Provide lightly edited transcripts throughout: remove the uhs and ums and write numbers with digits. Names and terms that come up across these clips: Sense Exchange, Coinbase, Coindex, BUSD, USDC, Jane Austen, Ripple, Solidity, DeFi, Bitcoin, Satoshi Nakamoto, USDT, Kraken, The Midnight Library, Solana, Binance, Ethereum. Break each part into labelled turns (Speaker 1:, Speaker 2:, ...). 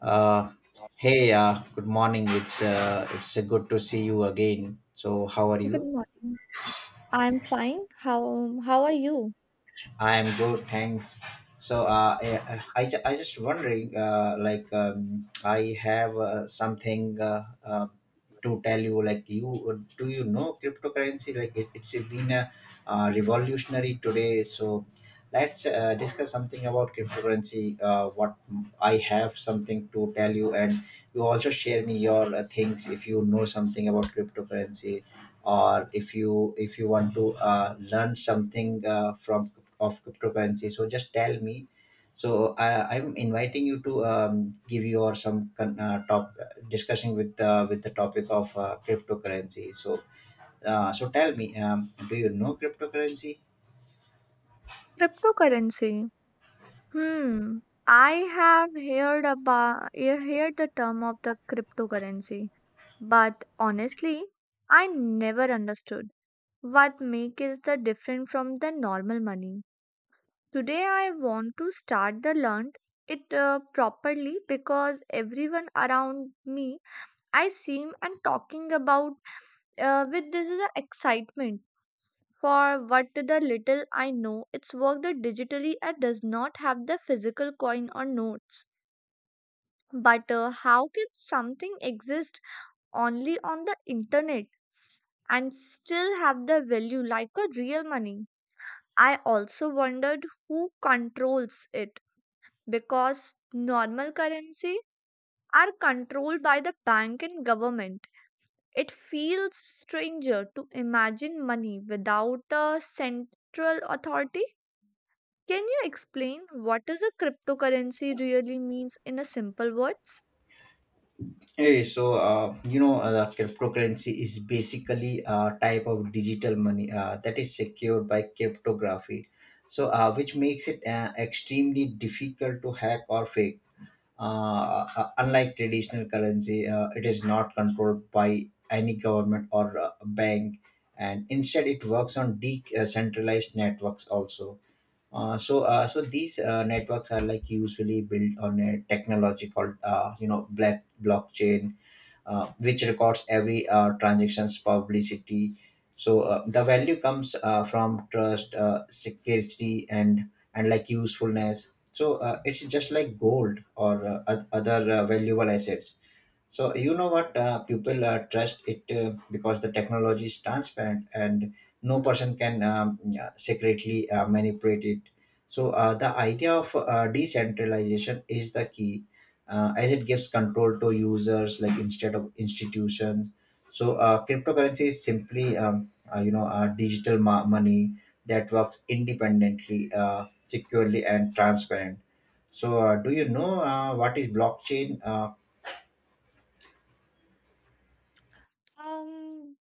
Speaker 1: Uh, hey, good morning. It's good to see you again. So, how are
Speaker 2: Good
Speaker 1: you?
Speaker 2: morning. I'm fine. How are you?
Speaker 1: I am good, thanks. So, I just wondering, I have something to tell you. Like, you do you know cryptocurrency? Like, it's been a revolutionary today. So, let's discuss something about cryptocurrency. What I have something to tell you, and you also share me your things if you know something about cryptocurrency or if you want to learn something from of cryptocurrency, so just tell me. So I'm inviting you to give your top discussion with the topic of cryptocurrency. So so tell me, do you know cryptocurrency?
Speaker 2: Cryptocurrency. Hmm. I have heard about heard the term of the cryptocurrency, but honestly, I never understood what make is the different from the normal money. Today I want to start the learned it properly because everyone around me I seem and talking about with this is a excitement. For what the little I know, it's worked digitally and does not have the physical coin or notes. But how can something exist only on the internet and still have the value like a real money? I also wondered who controls it because normal currency are controlled by the bank and government. It feels stranger to imagine money without a central authority. Can you explain what does a cryptocurrency really means in a simple words?
Speaker 1: Hey, so the cryptocurrency is basically a type of digital money that is secured by cryptography, so which makes it extremely difficult to hack or fake. Unlike traditional currency, it is not controlled by any government or bank, and instead it works on decentralized networks also. So these networks are like usually built on a technology called, black blockchain, which records every transactions publicity. So the value comes from trust, security, and like usefulness. So it's just like gold or other valuable assets. So you know what, people trust it because the technology is transparent and no person can yeah, secretly manipulate it. So the idea of decentralization is the key, as it gives control to users like instead of institutions. So cryptocurrency is simply digital money that works independently, securely, and transparent. So, do you know what is blockchain? Uh,
Speaker 2: Um,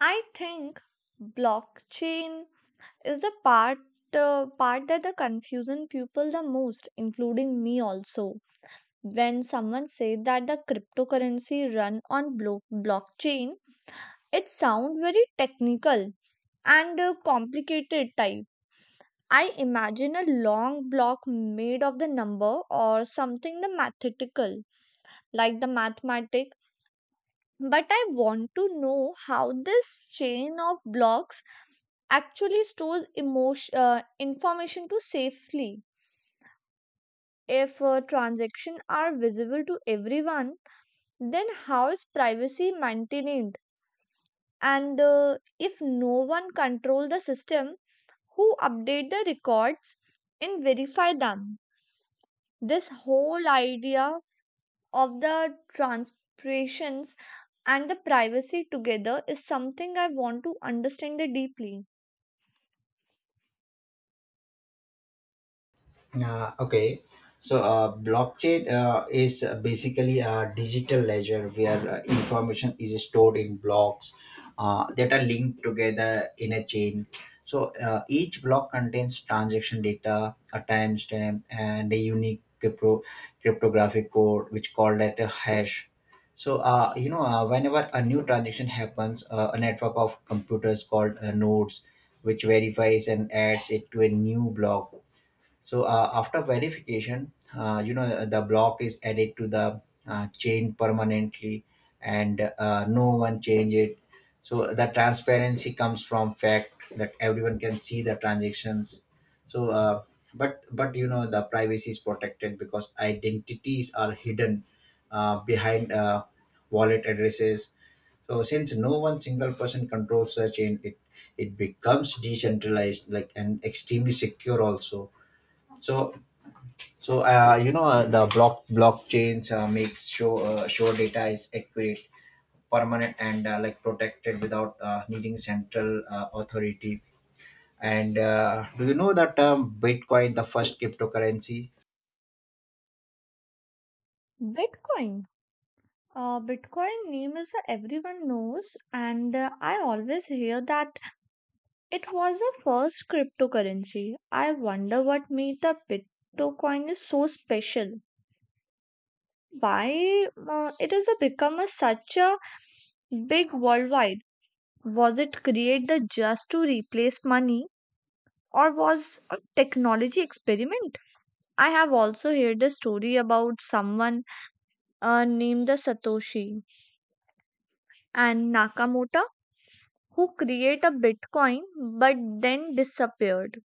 Speaker 2: I think blockchain is the part part that the confusion people the most, including me also. When someone say that the cryptocurrency run on blockchain, it sound very technical and complicated type. I imagine a long block made of the number or something the mathematical like the mathematics. But I want to know how this chain of blocks actually stores emotion, information to safely. If transactions are visible to everyone, then how is privacy maintained? And if no one control the system, who update the records and verify them? This whole idea of the transpirations and the privacy together is something I want to understand it deeply.
Speaker 1: Uh, okay, so blockchain is basically a digital ledger where information is stored in blocks that are linked together in a chain. So each block contains transaction data, a timestamp, and a unique cryptographic code, which called at a hash. So whenever a new transaction happens, a network of computers called nodes, which verifies and adds it to a new block. So after verification, you know, the block is added to the chain permanently, and no one change it. So the transparency comes from fact that everyone can see the transactions. So, uh, but but you know, the privacy is protected because identities are hidden behind wallet addresses. So since no one single person controls the chain, it becomes decentralized, like and extremely secure also. So, so the blockchains makes sure sure data is accurate, permanent, and like protected without needing central authority. And do you know that Bitcoin, the first cryptocurrency,
Speaker 2: Bitcoin. Bitcoin name is a everyone knows, and I always hear that it was the first cryptocurrency. I wonder what made the Bitcoin is so special. Why it has become a, such a big worldwide? Was it created just to replace money? Or was a technology experiment? I have also heard the story about someone named the Satoshi and Nakamoto who create a Bitcoin but then disappeared.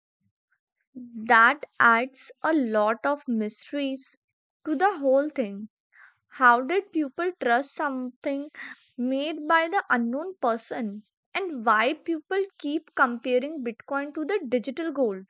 Speaker 2: That adds a lot of mysteries to the whole thing. How did people trust something made by the unknown person? And why people keep comparing Bitcoin to the digital gold?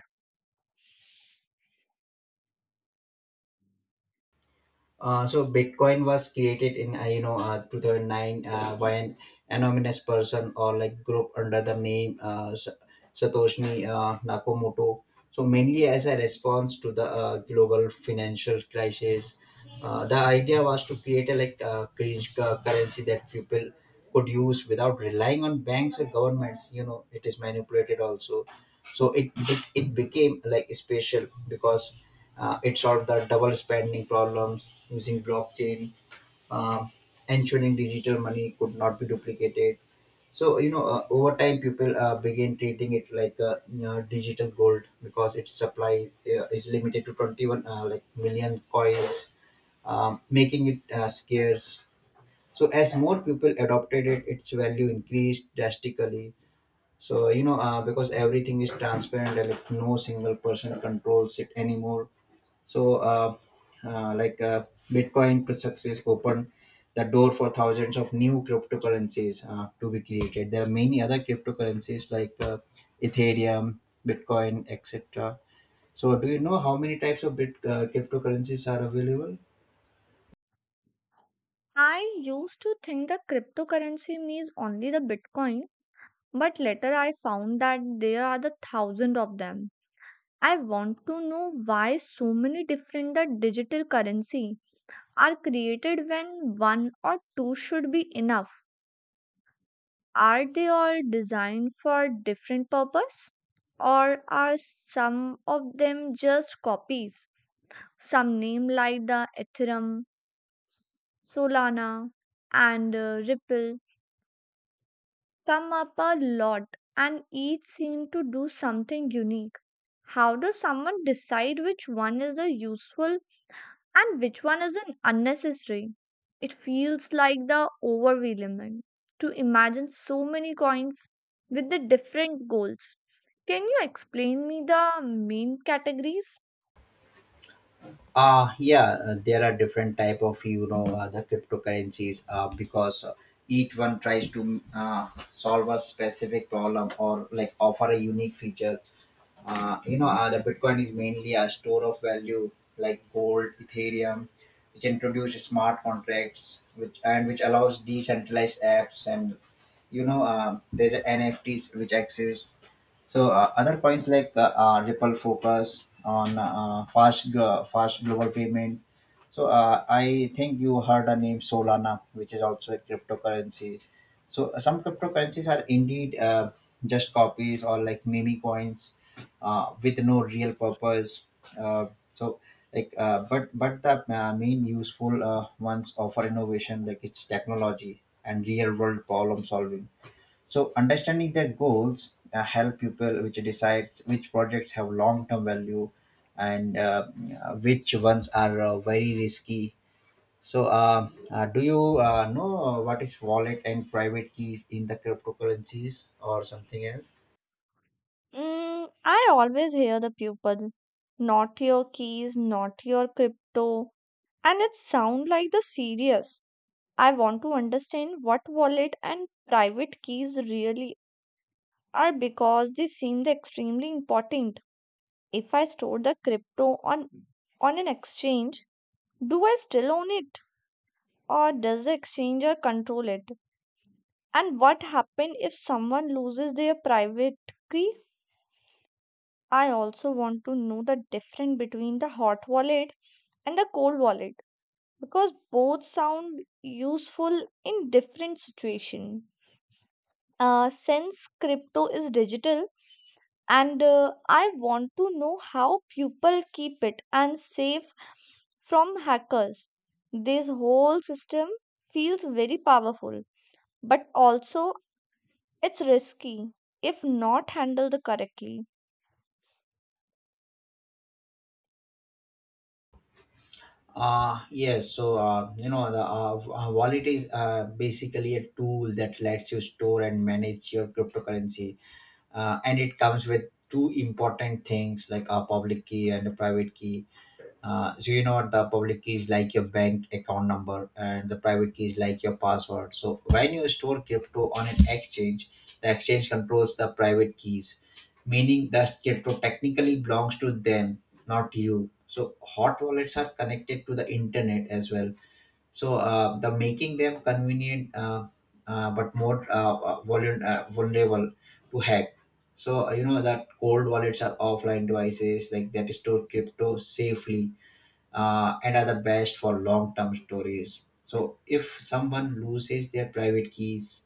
Speaker 1: So Bitcoin was created in 2009 by an anonymous person or like group under the name Satoshi Nakamoto. So mainly as a response to the global financial crisis, the idea was to create a like currency that people could use without relying on banks or governments. You know, it is manipulated also. So it became like special because it solved the double spending problems using blockchain, uh, ensuring digital money could not be duplicated. So you know, over time, people began treating it like a, you know, digital gold because its supply is limited to 21 million coins, making it scarce. So as more people adopted it, its value increased drastically. So you know, because everything is transparent, and like no single person controls it anymore. So Bitcoin success opened the door for thousands of new cryptocurrencies to be created. There are many other cryptocurrencies like Ethereum, Bitcoin, etc. So do you know how many types of bit cryptocurrencies are available?
Speaker 2: I used to think that cryptocurrency means only the Bitcoin, but later I found that there are the thousand of them. I want to know why so many different the digital currency are created when one or two should be enough. Are they all designed for different purpose or are some of them just copies? Some name like the Ethereum, Solana and Ripple come up a lot, and each seem to do something unique. How does someone decide which one is a useful and which one is an unnecessary? It feels like the overwhelming to imagine so many coins with the different goals. Can you explain me the main categories?
Speaker 1: Yeah, there are different type of, you know, the cryptocurrencies because each one tries to solve a specific problem or like offer a unique feature. The Bitcoin is mainly a store of value like gold. Ethereum, which introduce smart contracts, which and which allows decentralized apps. And you know, there's a NFTs which exist. So other points like Ripple focus on fast global payment. So I think you heard the name Solana, which is also a cryptocurrency. So some cryptocurrencies are indeed just copies or like meme coins with no real purpose. Uh, so but but the main useful ones offer innovation like it's technology and real world problem solving. So understanding their goals help people which decides which projects have long term value, and which ones are very risky. So do you know what is wallet and private keys in the cryptocurrencies or something else?
Speaker 2: Mm, I always hear the pupil. Not your keys, not your crypto, and it sound like the serious. I want to understand what wallet and private keys really are because they seem extremely important. If I store the crypto on an exchange, do I still own it or does the exchanger control it? And what happens if someone loses their private key? I also want to know the difference between the hot wallet and the cold wallet because both sound useful in different situations. Since crypto is digital, and I want to know how people keep it and save from hackers. This whole system feels very powerful, but also it's risky if not handled correctly.
Speaker 1: Yes, so you know the wallet is basically a tool that lets you store and manage your cryptocurrency, and it comes with two important things like a public key and a private key. So you know what, the public keys like your bank account number and the private keys like your password. So when you store crypto on an exchange, the exchange controls the private keys, meaning that crypto technically belongs to them, not you. So hot wallets are connected to the internet as well. So the making them convenient, but more vulnerable to hack. So you know that cold wallets are offline devices like that store crypto safely and are the best for long-term storage. So if someone loses their private keys,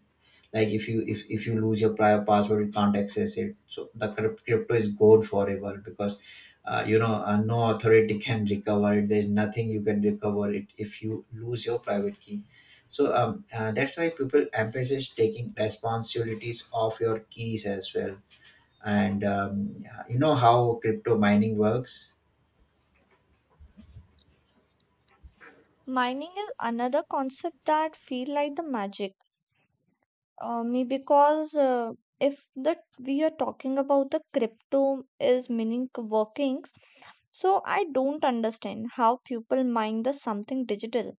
Speaker 1: like if you lose your prior password, you can't access it. So the crypto is gone forever because no authority can recover it. There's nothing you can recover it if you lose your private key. So that's why people emphasize taking responsibilities of your keys as well. And you know how crypto mining works.
Speaker 2: Mining is another concept that feel like the magic. Me because if that we are talking about the crypto is meaning workings, so I don't understand how people mind the something digital.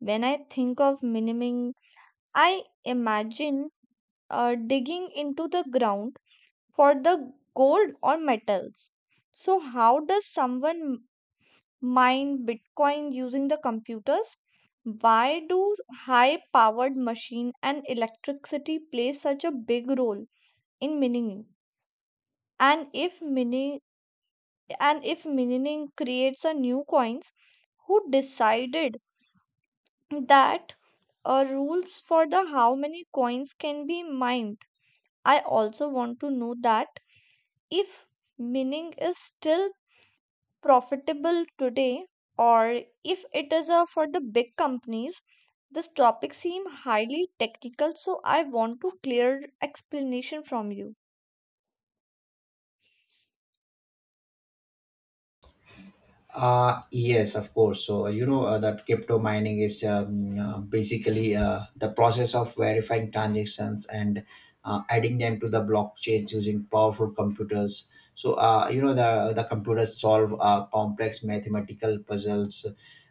Speaker 2: When I think of miniming, I imagine digging into the ground for the gold or metals. So how does someone mine Bitcoin using the computers? Why do high powered machine and electricity play such a big role in mining? And if mining creates a new coins, who decided that rules for the how many coins can be mined? I also want to know that if mining is still profitable today or if it is for the big companies. This topic seem highly technical, so I want to clear explanation from you.
Speaker 1: Yes, of course. So, that crypto mining is basically the process of verifying transactions and adding them to the blockchains using powerful computers. So, the computers solve complex mathematical puzzles,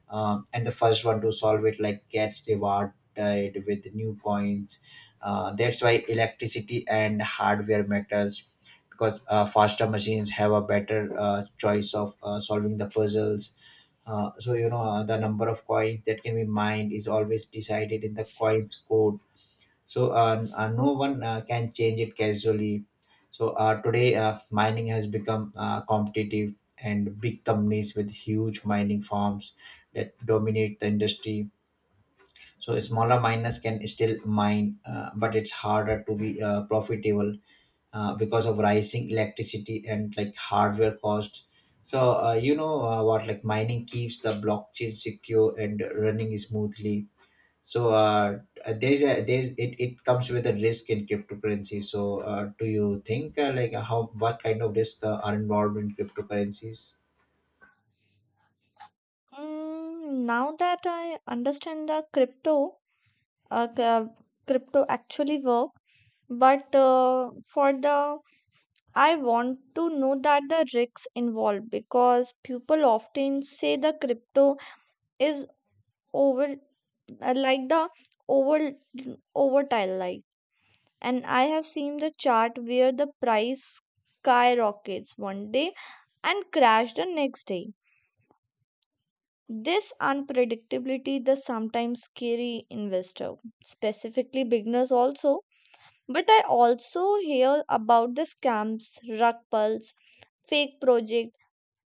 Speaker 1: and the first one to solve it like gets rewarded with new coins. That's why electricity and hardware matters because faster machines have a better choice of solving the puzzles. So you know the number of coins that can be mined is always decided in the coins code. So no one can change it casually. So today mining has become competitive, and big companies with huge mining farms that dominate the industry. So smaller miners can still mine, but it's harder to be profitable because of rising electricity and like hardware cost. So what like mining keeps the blockchain secure and running smoothly. So there's a there's it, it comes with a risk in cryptocurrency. So do you think like how what kind of risk are involved in cryptocurrencies?
Speaker 2: Mm, now that I understand the crypto uh, c- uh, crypto actually work, but for the I want to know that the risks involved because people often say the crypto is over like the over overtile like, and I have seen the chart where the price skyrockets one day and crash the next day. This unpredictability the sometimes scary investor, specifically beginners also. But I also hear about the scams, rug pulls, fake project,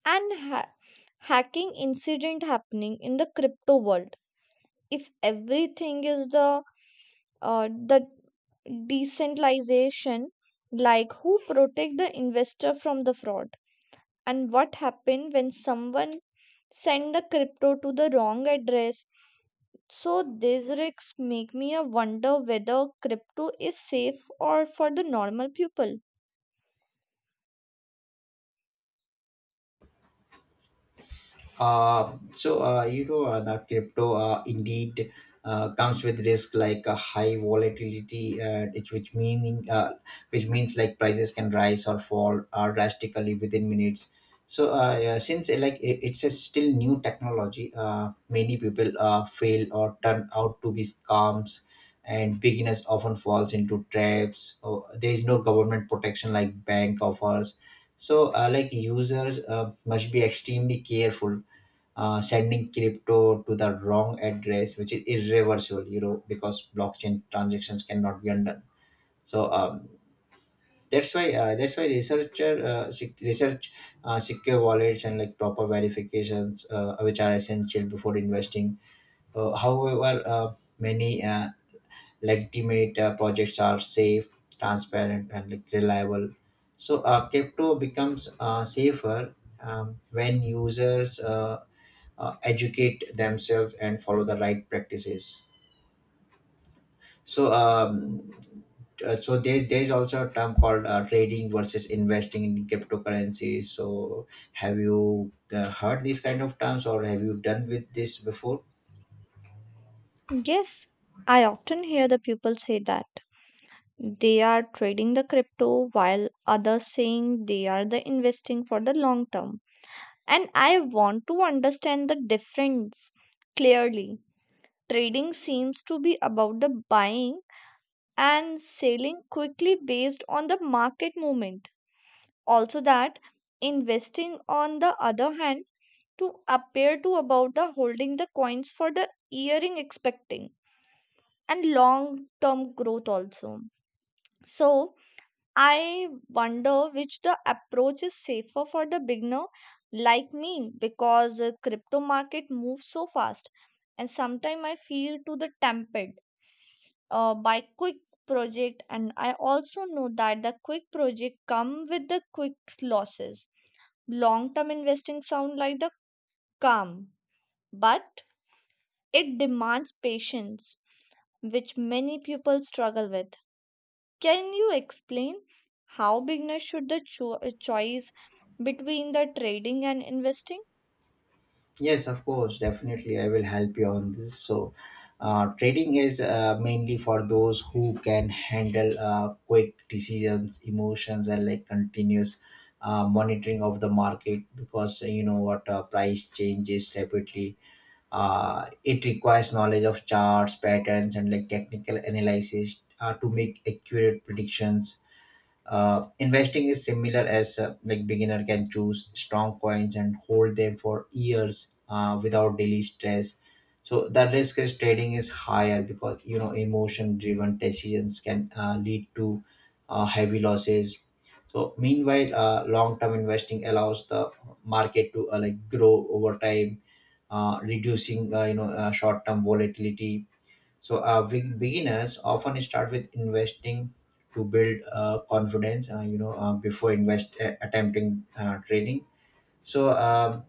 Speaker 2: and hacking incident happening in the crypto world. If everything is the the decentralization, like who protect the investor from the fraud and what happen when someone send the crypto to the wrong address, so these risks make me a wonder whether crypto is safe or for the normal people.
Speaker 1: The crypto indeed comes with risk like a high volatility, which means like prices can rise or fall drastically within minutes. So yeah, since it's a still new technology, many people fail or turn out to be scams, and beginners often falls into traps. Oh, there is no government protection like bank offers. So like users must be extremely careful sending crypto to the wrong address, which is irreversible, you know, because blockchain transactions cannot be undone. So that's why researcher sec- research secure wallets and like proper verifications, which are essential before investing. However, many legitimate projects are safe, transparent, and like reliable. So crypto becomes safer when users educate themselves and follow the right practices. So there's also a term called trading versus investing in cryptocurrencies. So have you heard these kind of terms or have you done with this before?
Speaker 2: Yes, I often hear the people say that they are trading the crypto while others saying they are the investing for the long term, and I want to understand the difference clearly. Trading seems to be about the buying and selling quickly based on the market movement. Also, that investing, on the other hand, to appear to about the holding the coins for the yearing expecting and long term growth also. So, I wonder which the approach is safer for the beginner like me because crypto market moves so fast and sometimes I feel to the tempted by quick project, and I also know that the quick project come with the quick losses. Long term investing sound like the calm, but it demands patience which many people struggle with. Can you explain how beginners should the choice between the trading and investing?
Speaker 1: Yes, of course, definitely. I will help you on this. So, trading is mainly for those who can handle quick decisions, emotions, and like continuous monitoring of the market because you know what price changes rapidly. It requires knowledge of charts, patterns, and like technical analysis to make accurate predictions. Investing is similar as like beginner can choose strong coins and hold them for years without daily stress. So the risk is trading is higher because you know emotion driven decisions can lead to heavy losses. So meanwhile, long term investing allows the market to like grow over time, reducing short term volatility so big beginners often start with investing to build confidence, before invest attempting trading. So,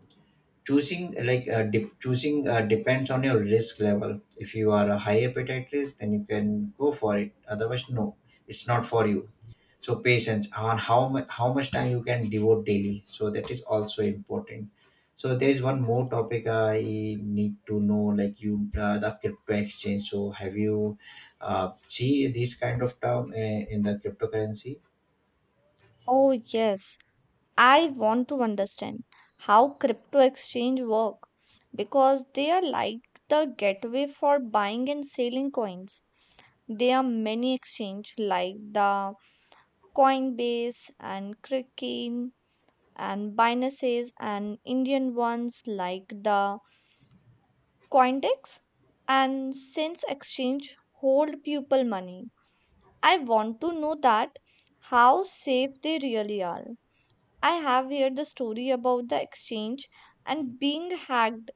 Speaker 1: choosing choosing depends on your risk level. If you are a high appetite risk, then you can go for it. Otherwise, no, it's not for you. So patience on how much time you can devote daily, so that is also important. So there is one more topic I need to know like you the crypto exchange. So have you see this kind of term in the cryptocurrency?
Speaker 2: Oh yes, I want to understand how crypto exchange work because they are like the gateway for buying and selling coins. There are many exchange like the Coinbase and Kraken and Binance's and Indian ones like the Coindex and Sense Exchange hold people money. I want to know that how safe they really are. I have heard the story about the exchange and being hacked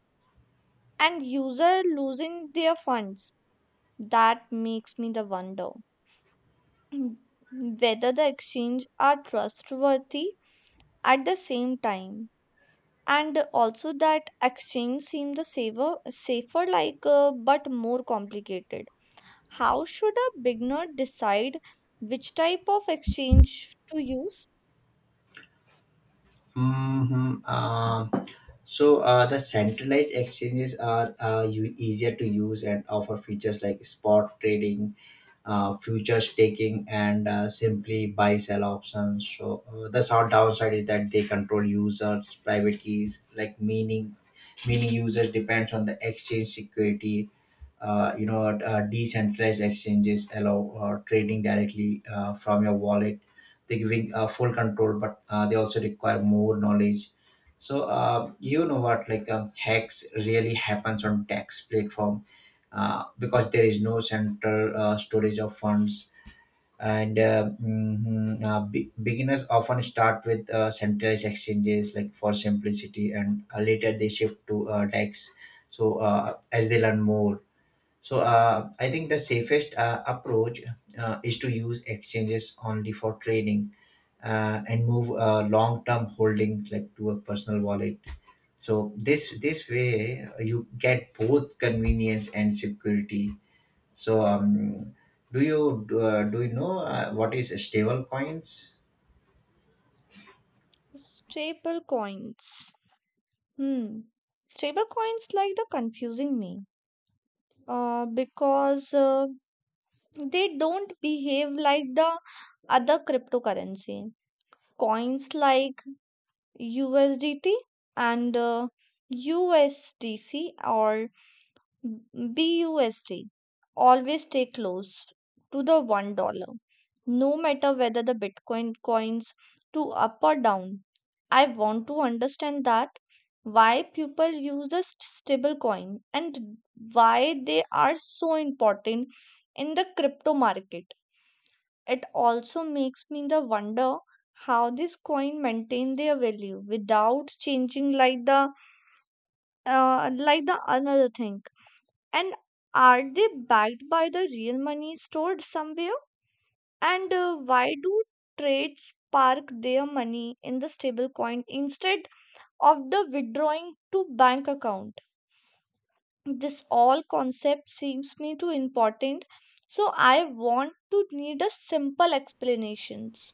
Speaker 2: and user losing their funds. That makes me the wonder whether the exchange are trustworthy at the same time, and also that exchange seem the safer like but more complicated. How should a beginner decide which type of exchange to use?
Speaker 1: Mm-hmm. So the centralized exchanges are easier to use and offer features like spot trading, futures taking, and simply buy sell options. So the short downside is that they control users' private keys, like meaning users depends on the exchange security. Decentralized exchanges allow trading directly from your wallet. They giving full control but they also require more knowledge. So you know what like hacks really happens on tax platform because there is no central storage of funds, and beginners often start with centralized exchanges like for simplicity, and later they shift to dex so as they learn more. So I think the safest approach is to use exchanges only for trading, and move long-term holdings like to a personal wallet. So this way you get both convenience and security. So, do you know what is stable coins?
Speaker 2: Stable coins. Hmm. Stable coins like the confusing me. Because they don't behave like the other cryptocurrency. Coins like USDT and USDC or BUSD always stay close to the $1 no matter whether the Bitcoin coins to up or down. I want to understand that why people use the stable coin and why they are so important in the crypto market. It also makes me the wonder how this coin maintain their value without changing like the another thing and are they backed by the real money stored somewhere? And why do trades park their money in the stablecoin instead of the withdrawing to bank account? This all concept seems me too important, so I want to need a simple explanations.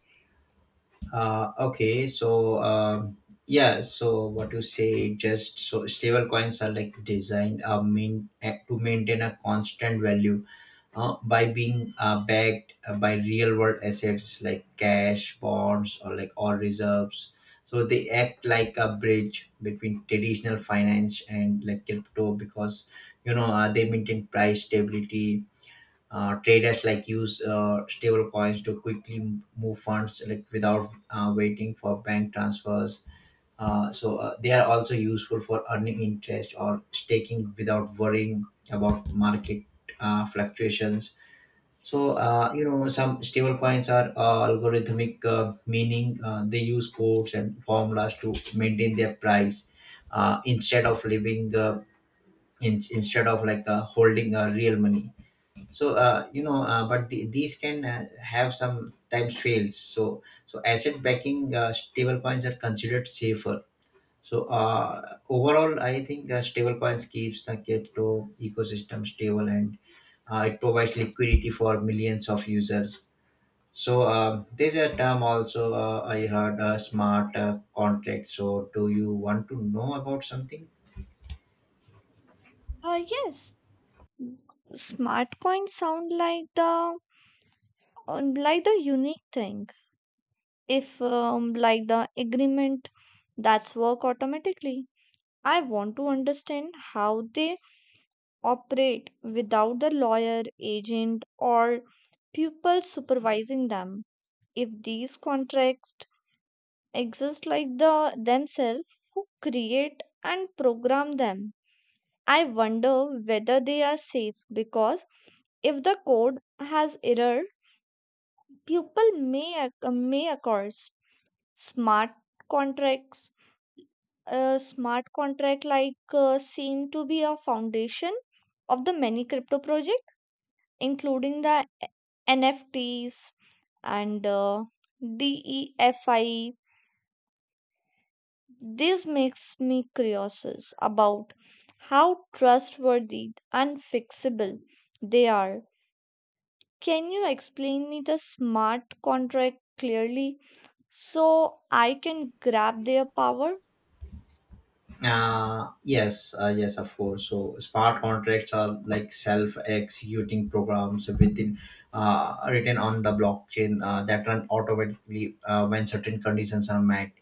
Speaker 1: Okay, so, yeah, so what you say, just so stable coins are like designed to maintain a constant value by being backed by real world assets like cash, bonds, or like all reserves. So they act like a bridge between traditional finance and like crypto because you know they maintain price stability. Traders like use stable coins to quickly move funds like without waiting for bank transfers. They are also useful for earning interest or staking without worrying about market fluctuations. So you know some stable coins are algorithmic, meaning they use codes and formulas to maintain their price instead of living instead of like holding real money. So but these can have some times fails, so so asset backing stable coins are considered safer. So overall I think stable coins keeps the crypto ecosystem stable, and it provides liquidity for millions of users. So there's a term also I heard smart contract. So do you want to know about something?
Speaker 2: Yes, smart coins sound like the unique thing if like the agreement that's work automatically. I want to understand how they operate without the lawyer, agent, or people supervising them. If these contracts exist like the themselves, who create and program them? I wonder whether they are safe because if the code has error, people may may occur. Smart contracts a smart contract like seem to be a foundation of the many crypto project including the NFTs and DeFi. This makes me curious about how trustworthy and fixable they are. Can you explain me the smart contract clearly so I can grab their power?
Speaker 1: Yes, of course. So smart contracts are like self-executing programs within written on the blockchain that run automatically when certain conditions are met.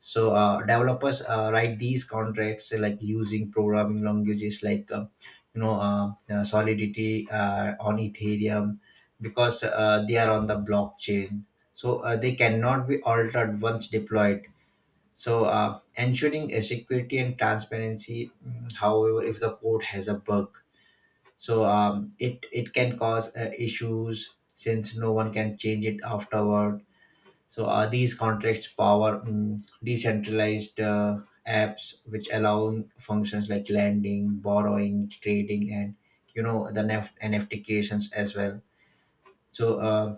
Speaker 1: So developers write these contracts like using programming languages like Solidity on Ethereum because they are on the blockchain. So they cannot be altered once deployed, so, ensuring security and transparency. However, if the code has a bug, so it can cause issues since no one can change it afterward. So, these contracts power decentralized apps, which allow functions like lending, borrowing, trading, and you know the NFT creations as well. So uh,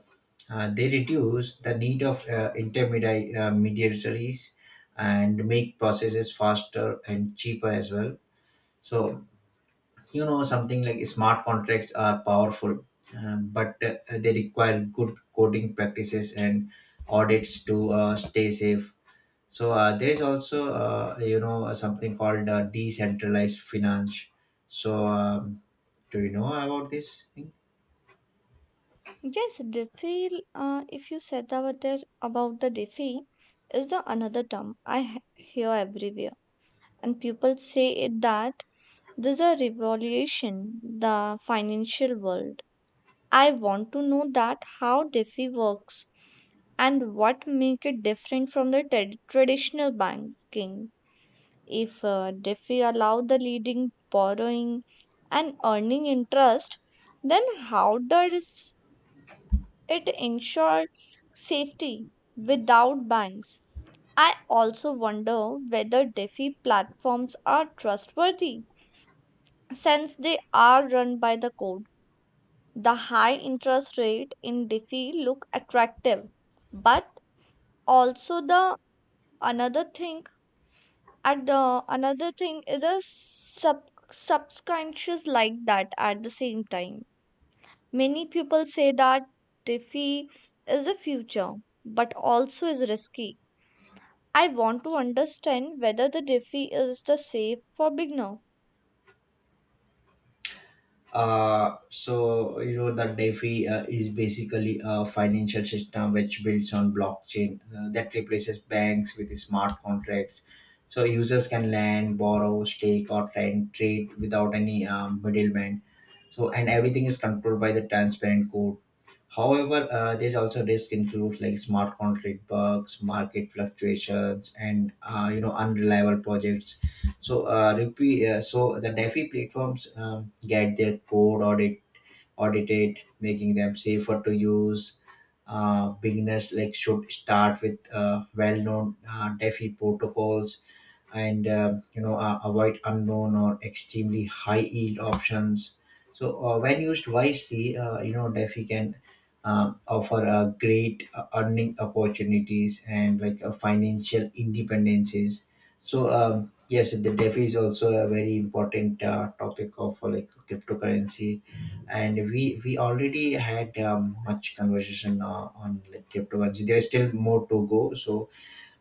Speaker 1: uh, they reduce the need of intermediaries, mediatories, and make processes faster and cheaper as well. So you know something like smart contracts are powerful, but they require good coding practices and audits to stay safe. So there is also you know something called decentralized finance. So do you know about this thing?
Speaker 2: Yes, DeFi, if you said about it, about the DeFi, is the another term I hear everywhere. And people say it that there's a revolution, the financial world. I want to know that how DeFi works and what make it different from the traditional banking. If DeFi allow the leading borrowing and earning interest, then how does it ensures safety without banks. I also wonder whether DeFi platforms are trustworthy since they are run by the code. The high interest rate in DeFi look attractive, but also the another thing at the another thing is a sub subconscious like that at the same time. Many people say that DeFi is a future, but also is risky. I want to understand whether the Diffie is the safe for beginner.
Speaker 1: So you know that defi is basically a financial system which builds on blockchain that replaces banks with smart contracts. So users can lend, borrow, stake, or trade without any middleman, so and everything is controlled by the transparent code. However, there's also risk includes like smart contract bugs, market fluctuations, and you know unreliable projects. So, so the DeFi platforms get their code audited, making them safer to use. Beginners like should start with well-known DeFi protocols, and avoid unknown or extremely high yield options. So when used wisely, you know defi can offer great earning opportunities and like financial independences. So yes, the defi is also a very important topic of like cryptocurrency, and we already had much conversation on like cryptocurrency. There's still more to go, so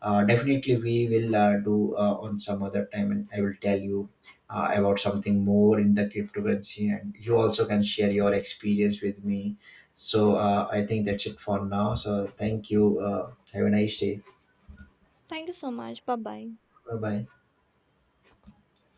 Speaker 1: definitely we will do on some other time and I will tell you about something more in the cryptocurrency, and you also can share your experience with me. So I think that's it for now, so thank you, have a nice day.
Speaker 2: Thank you so much. Bye bye.
Speaker 1: Bye bye.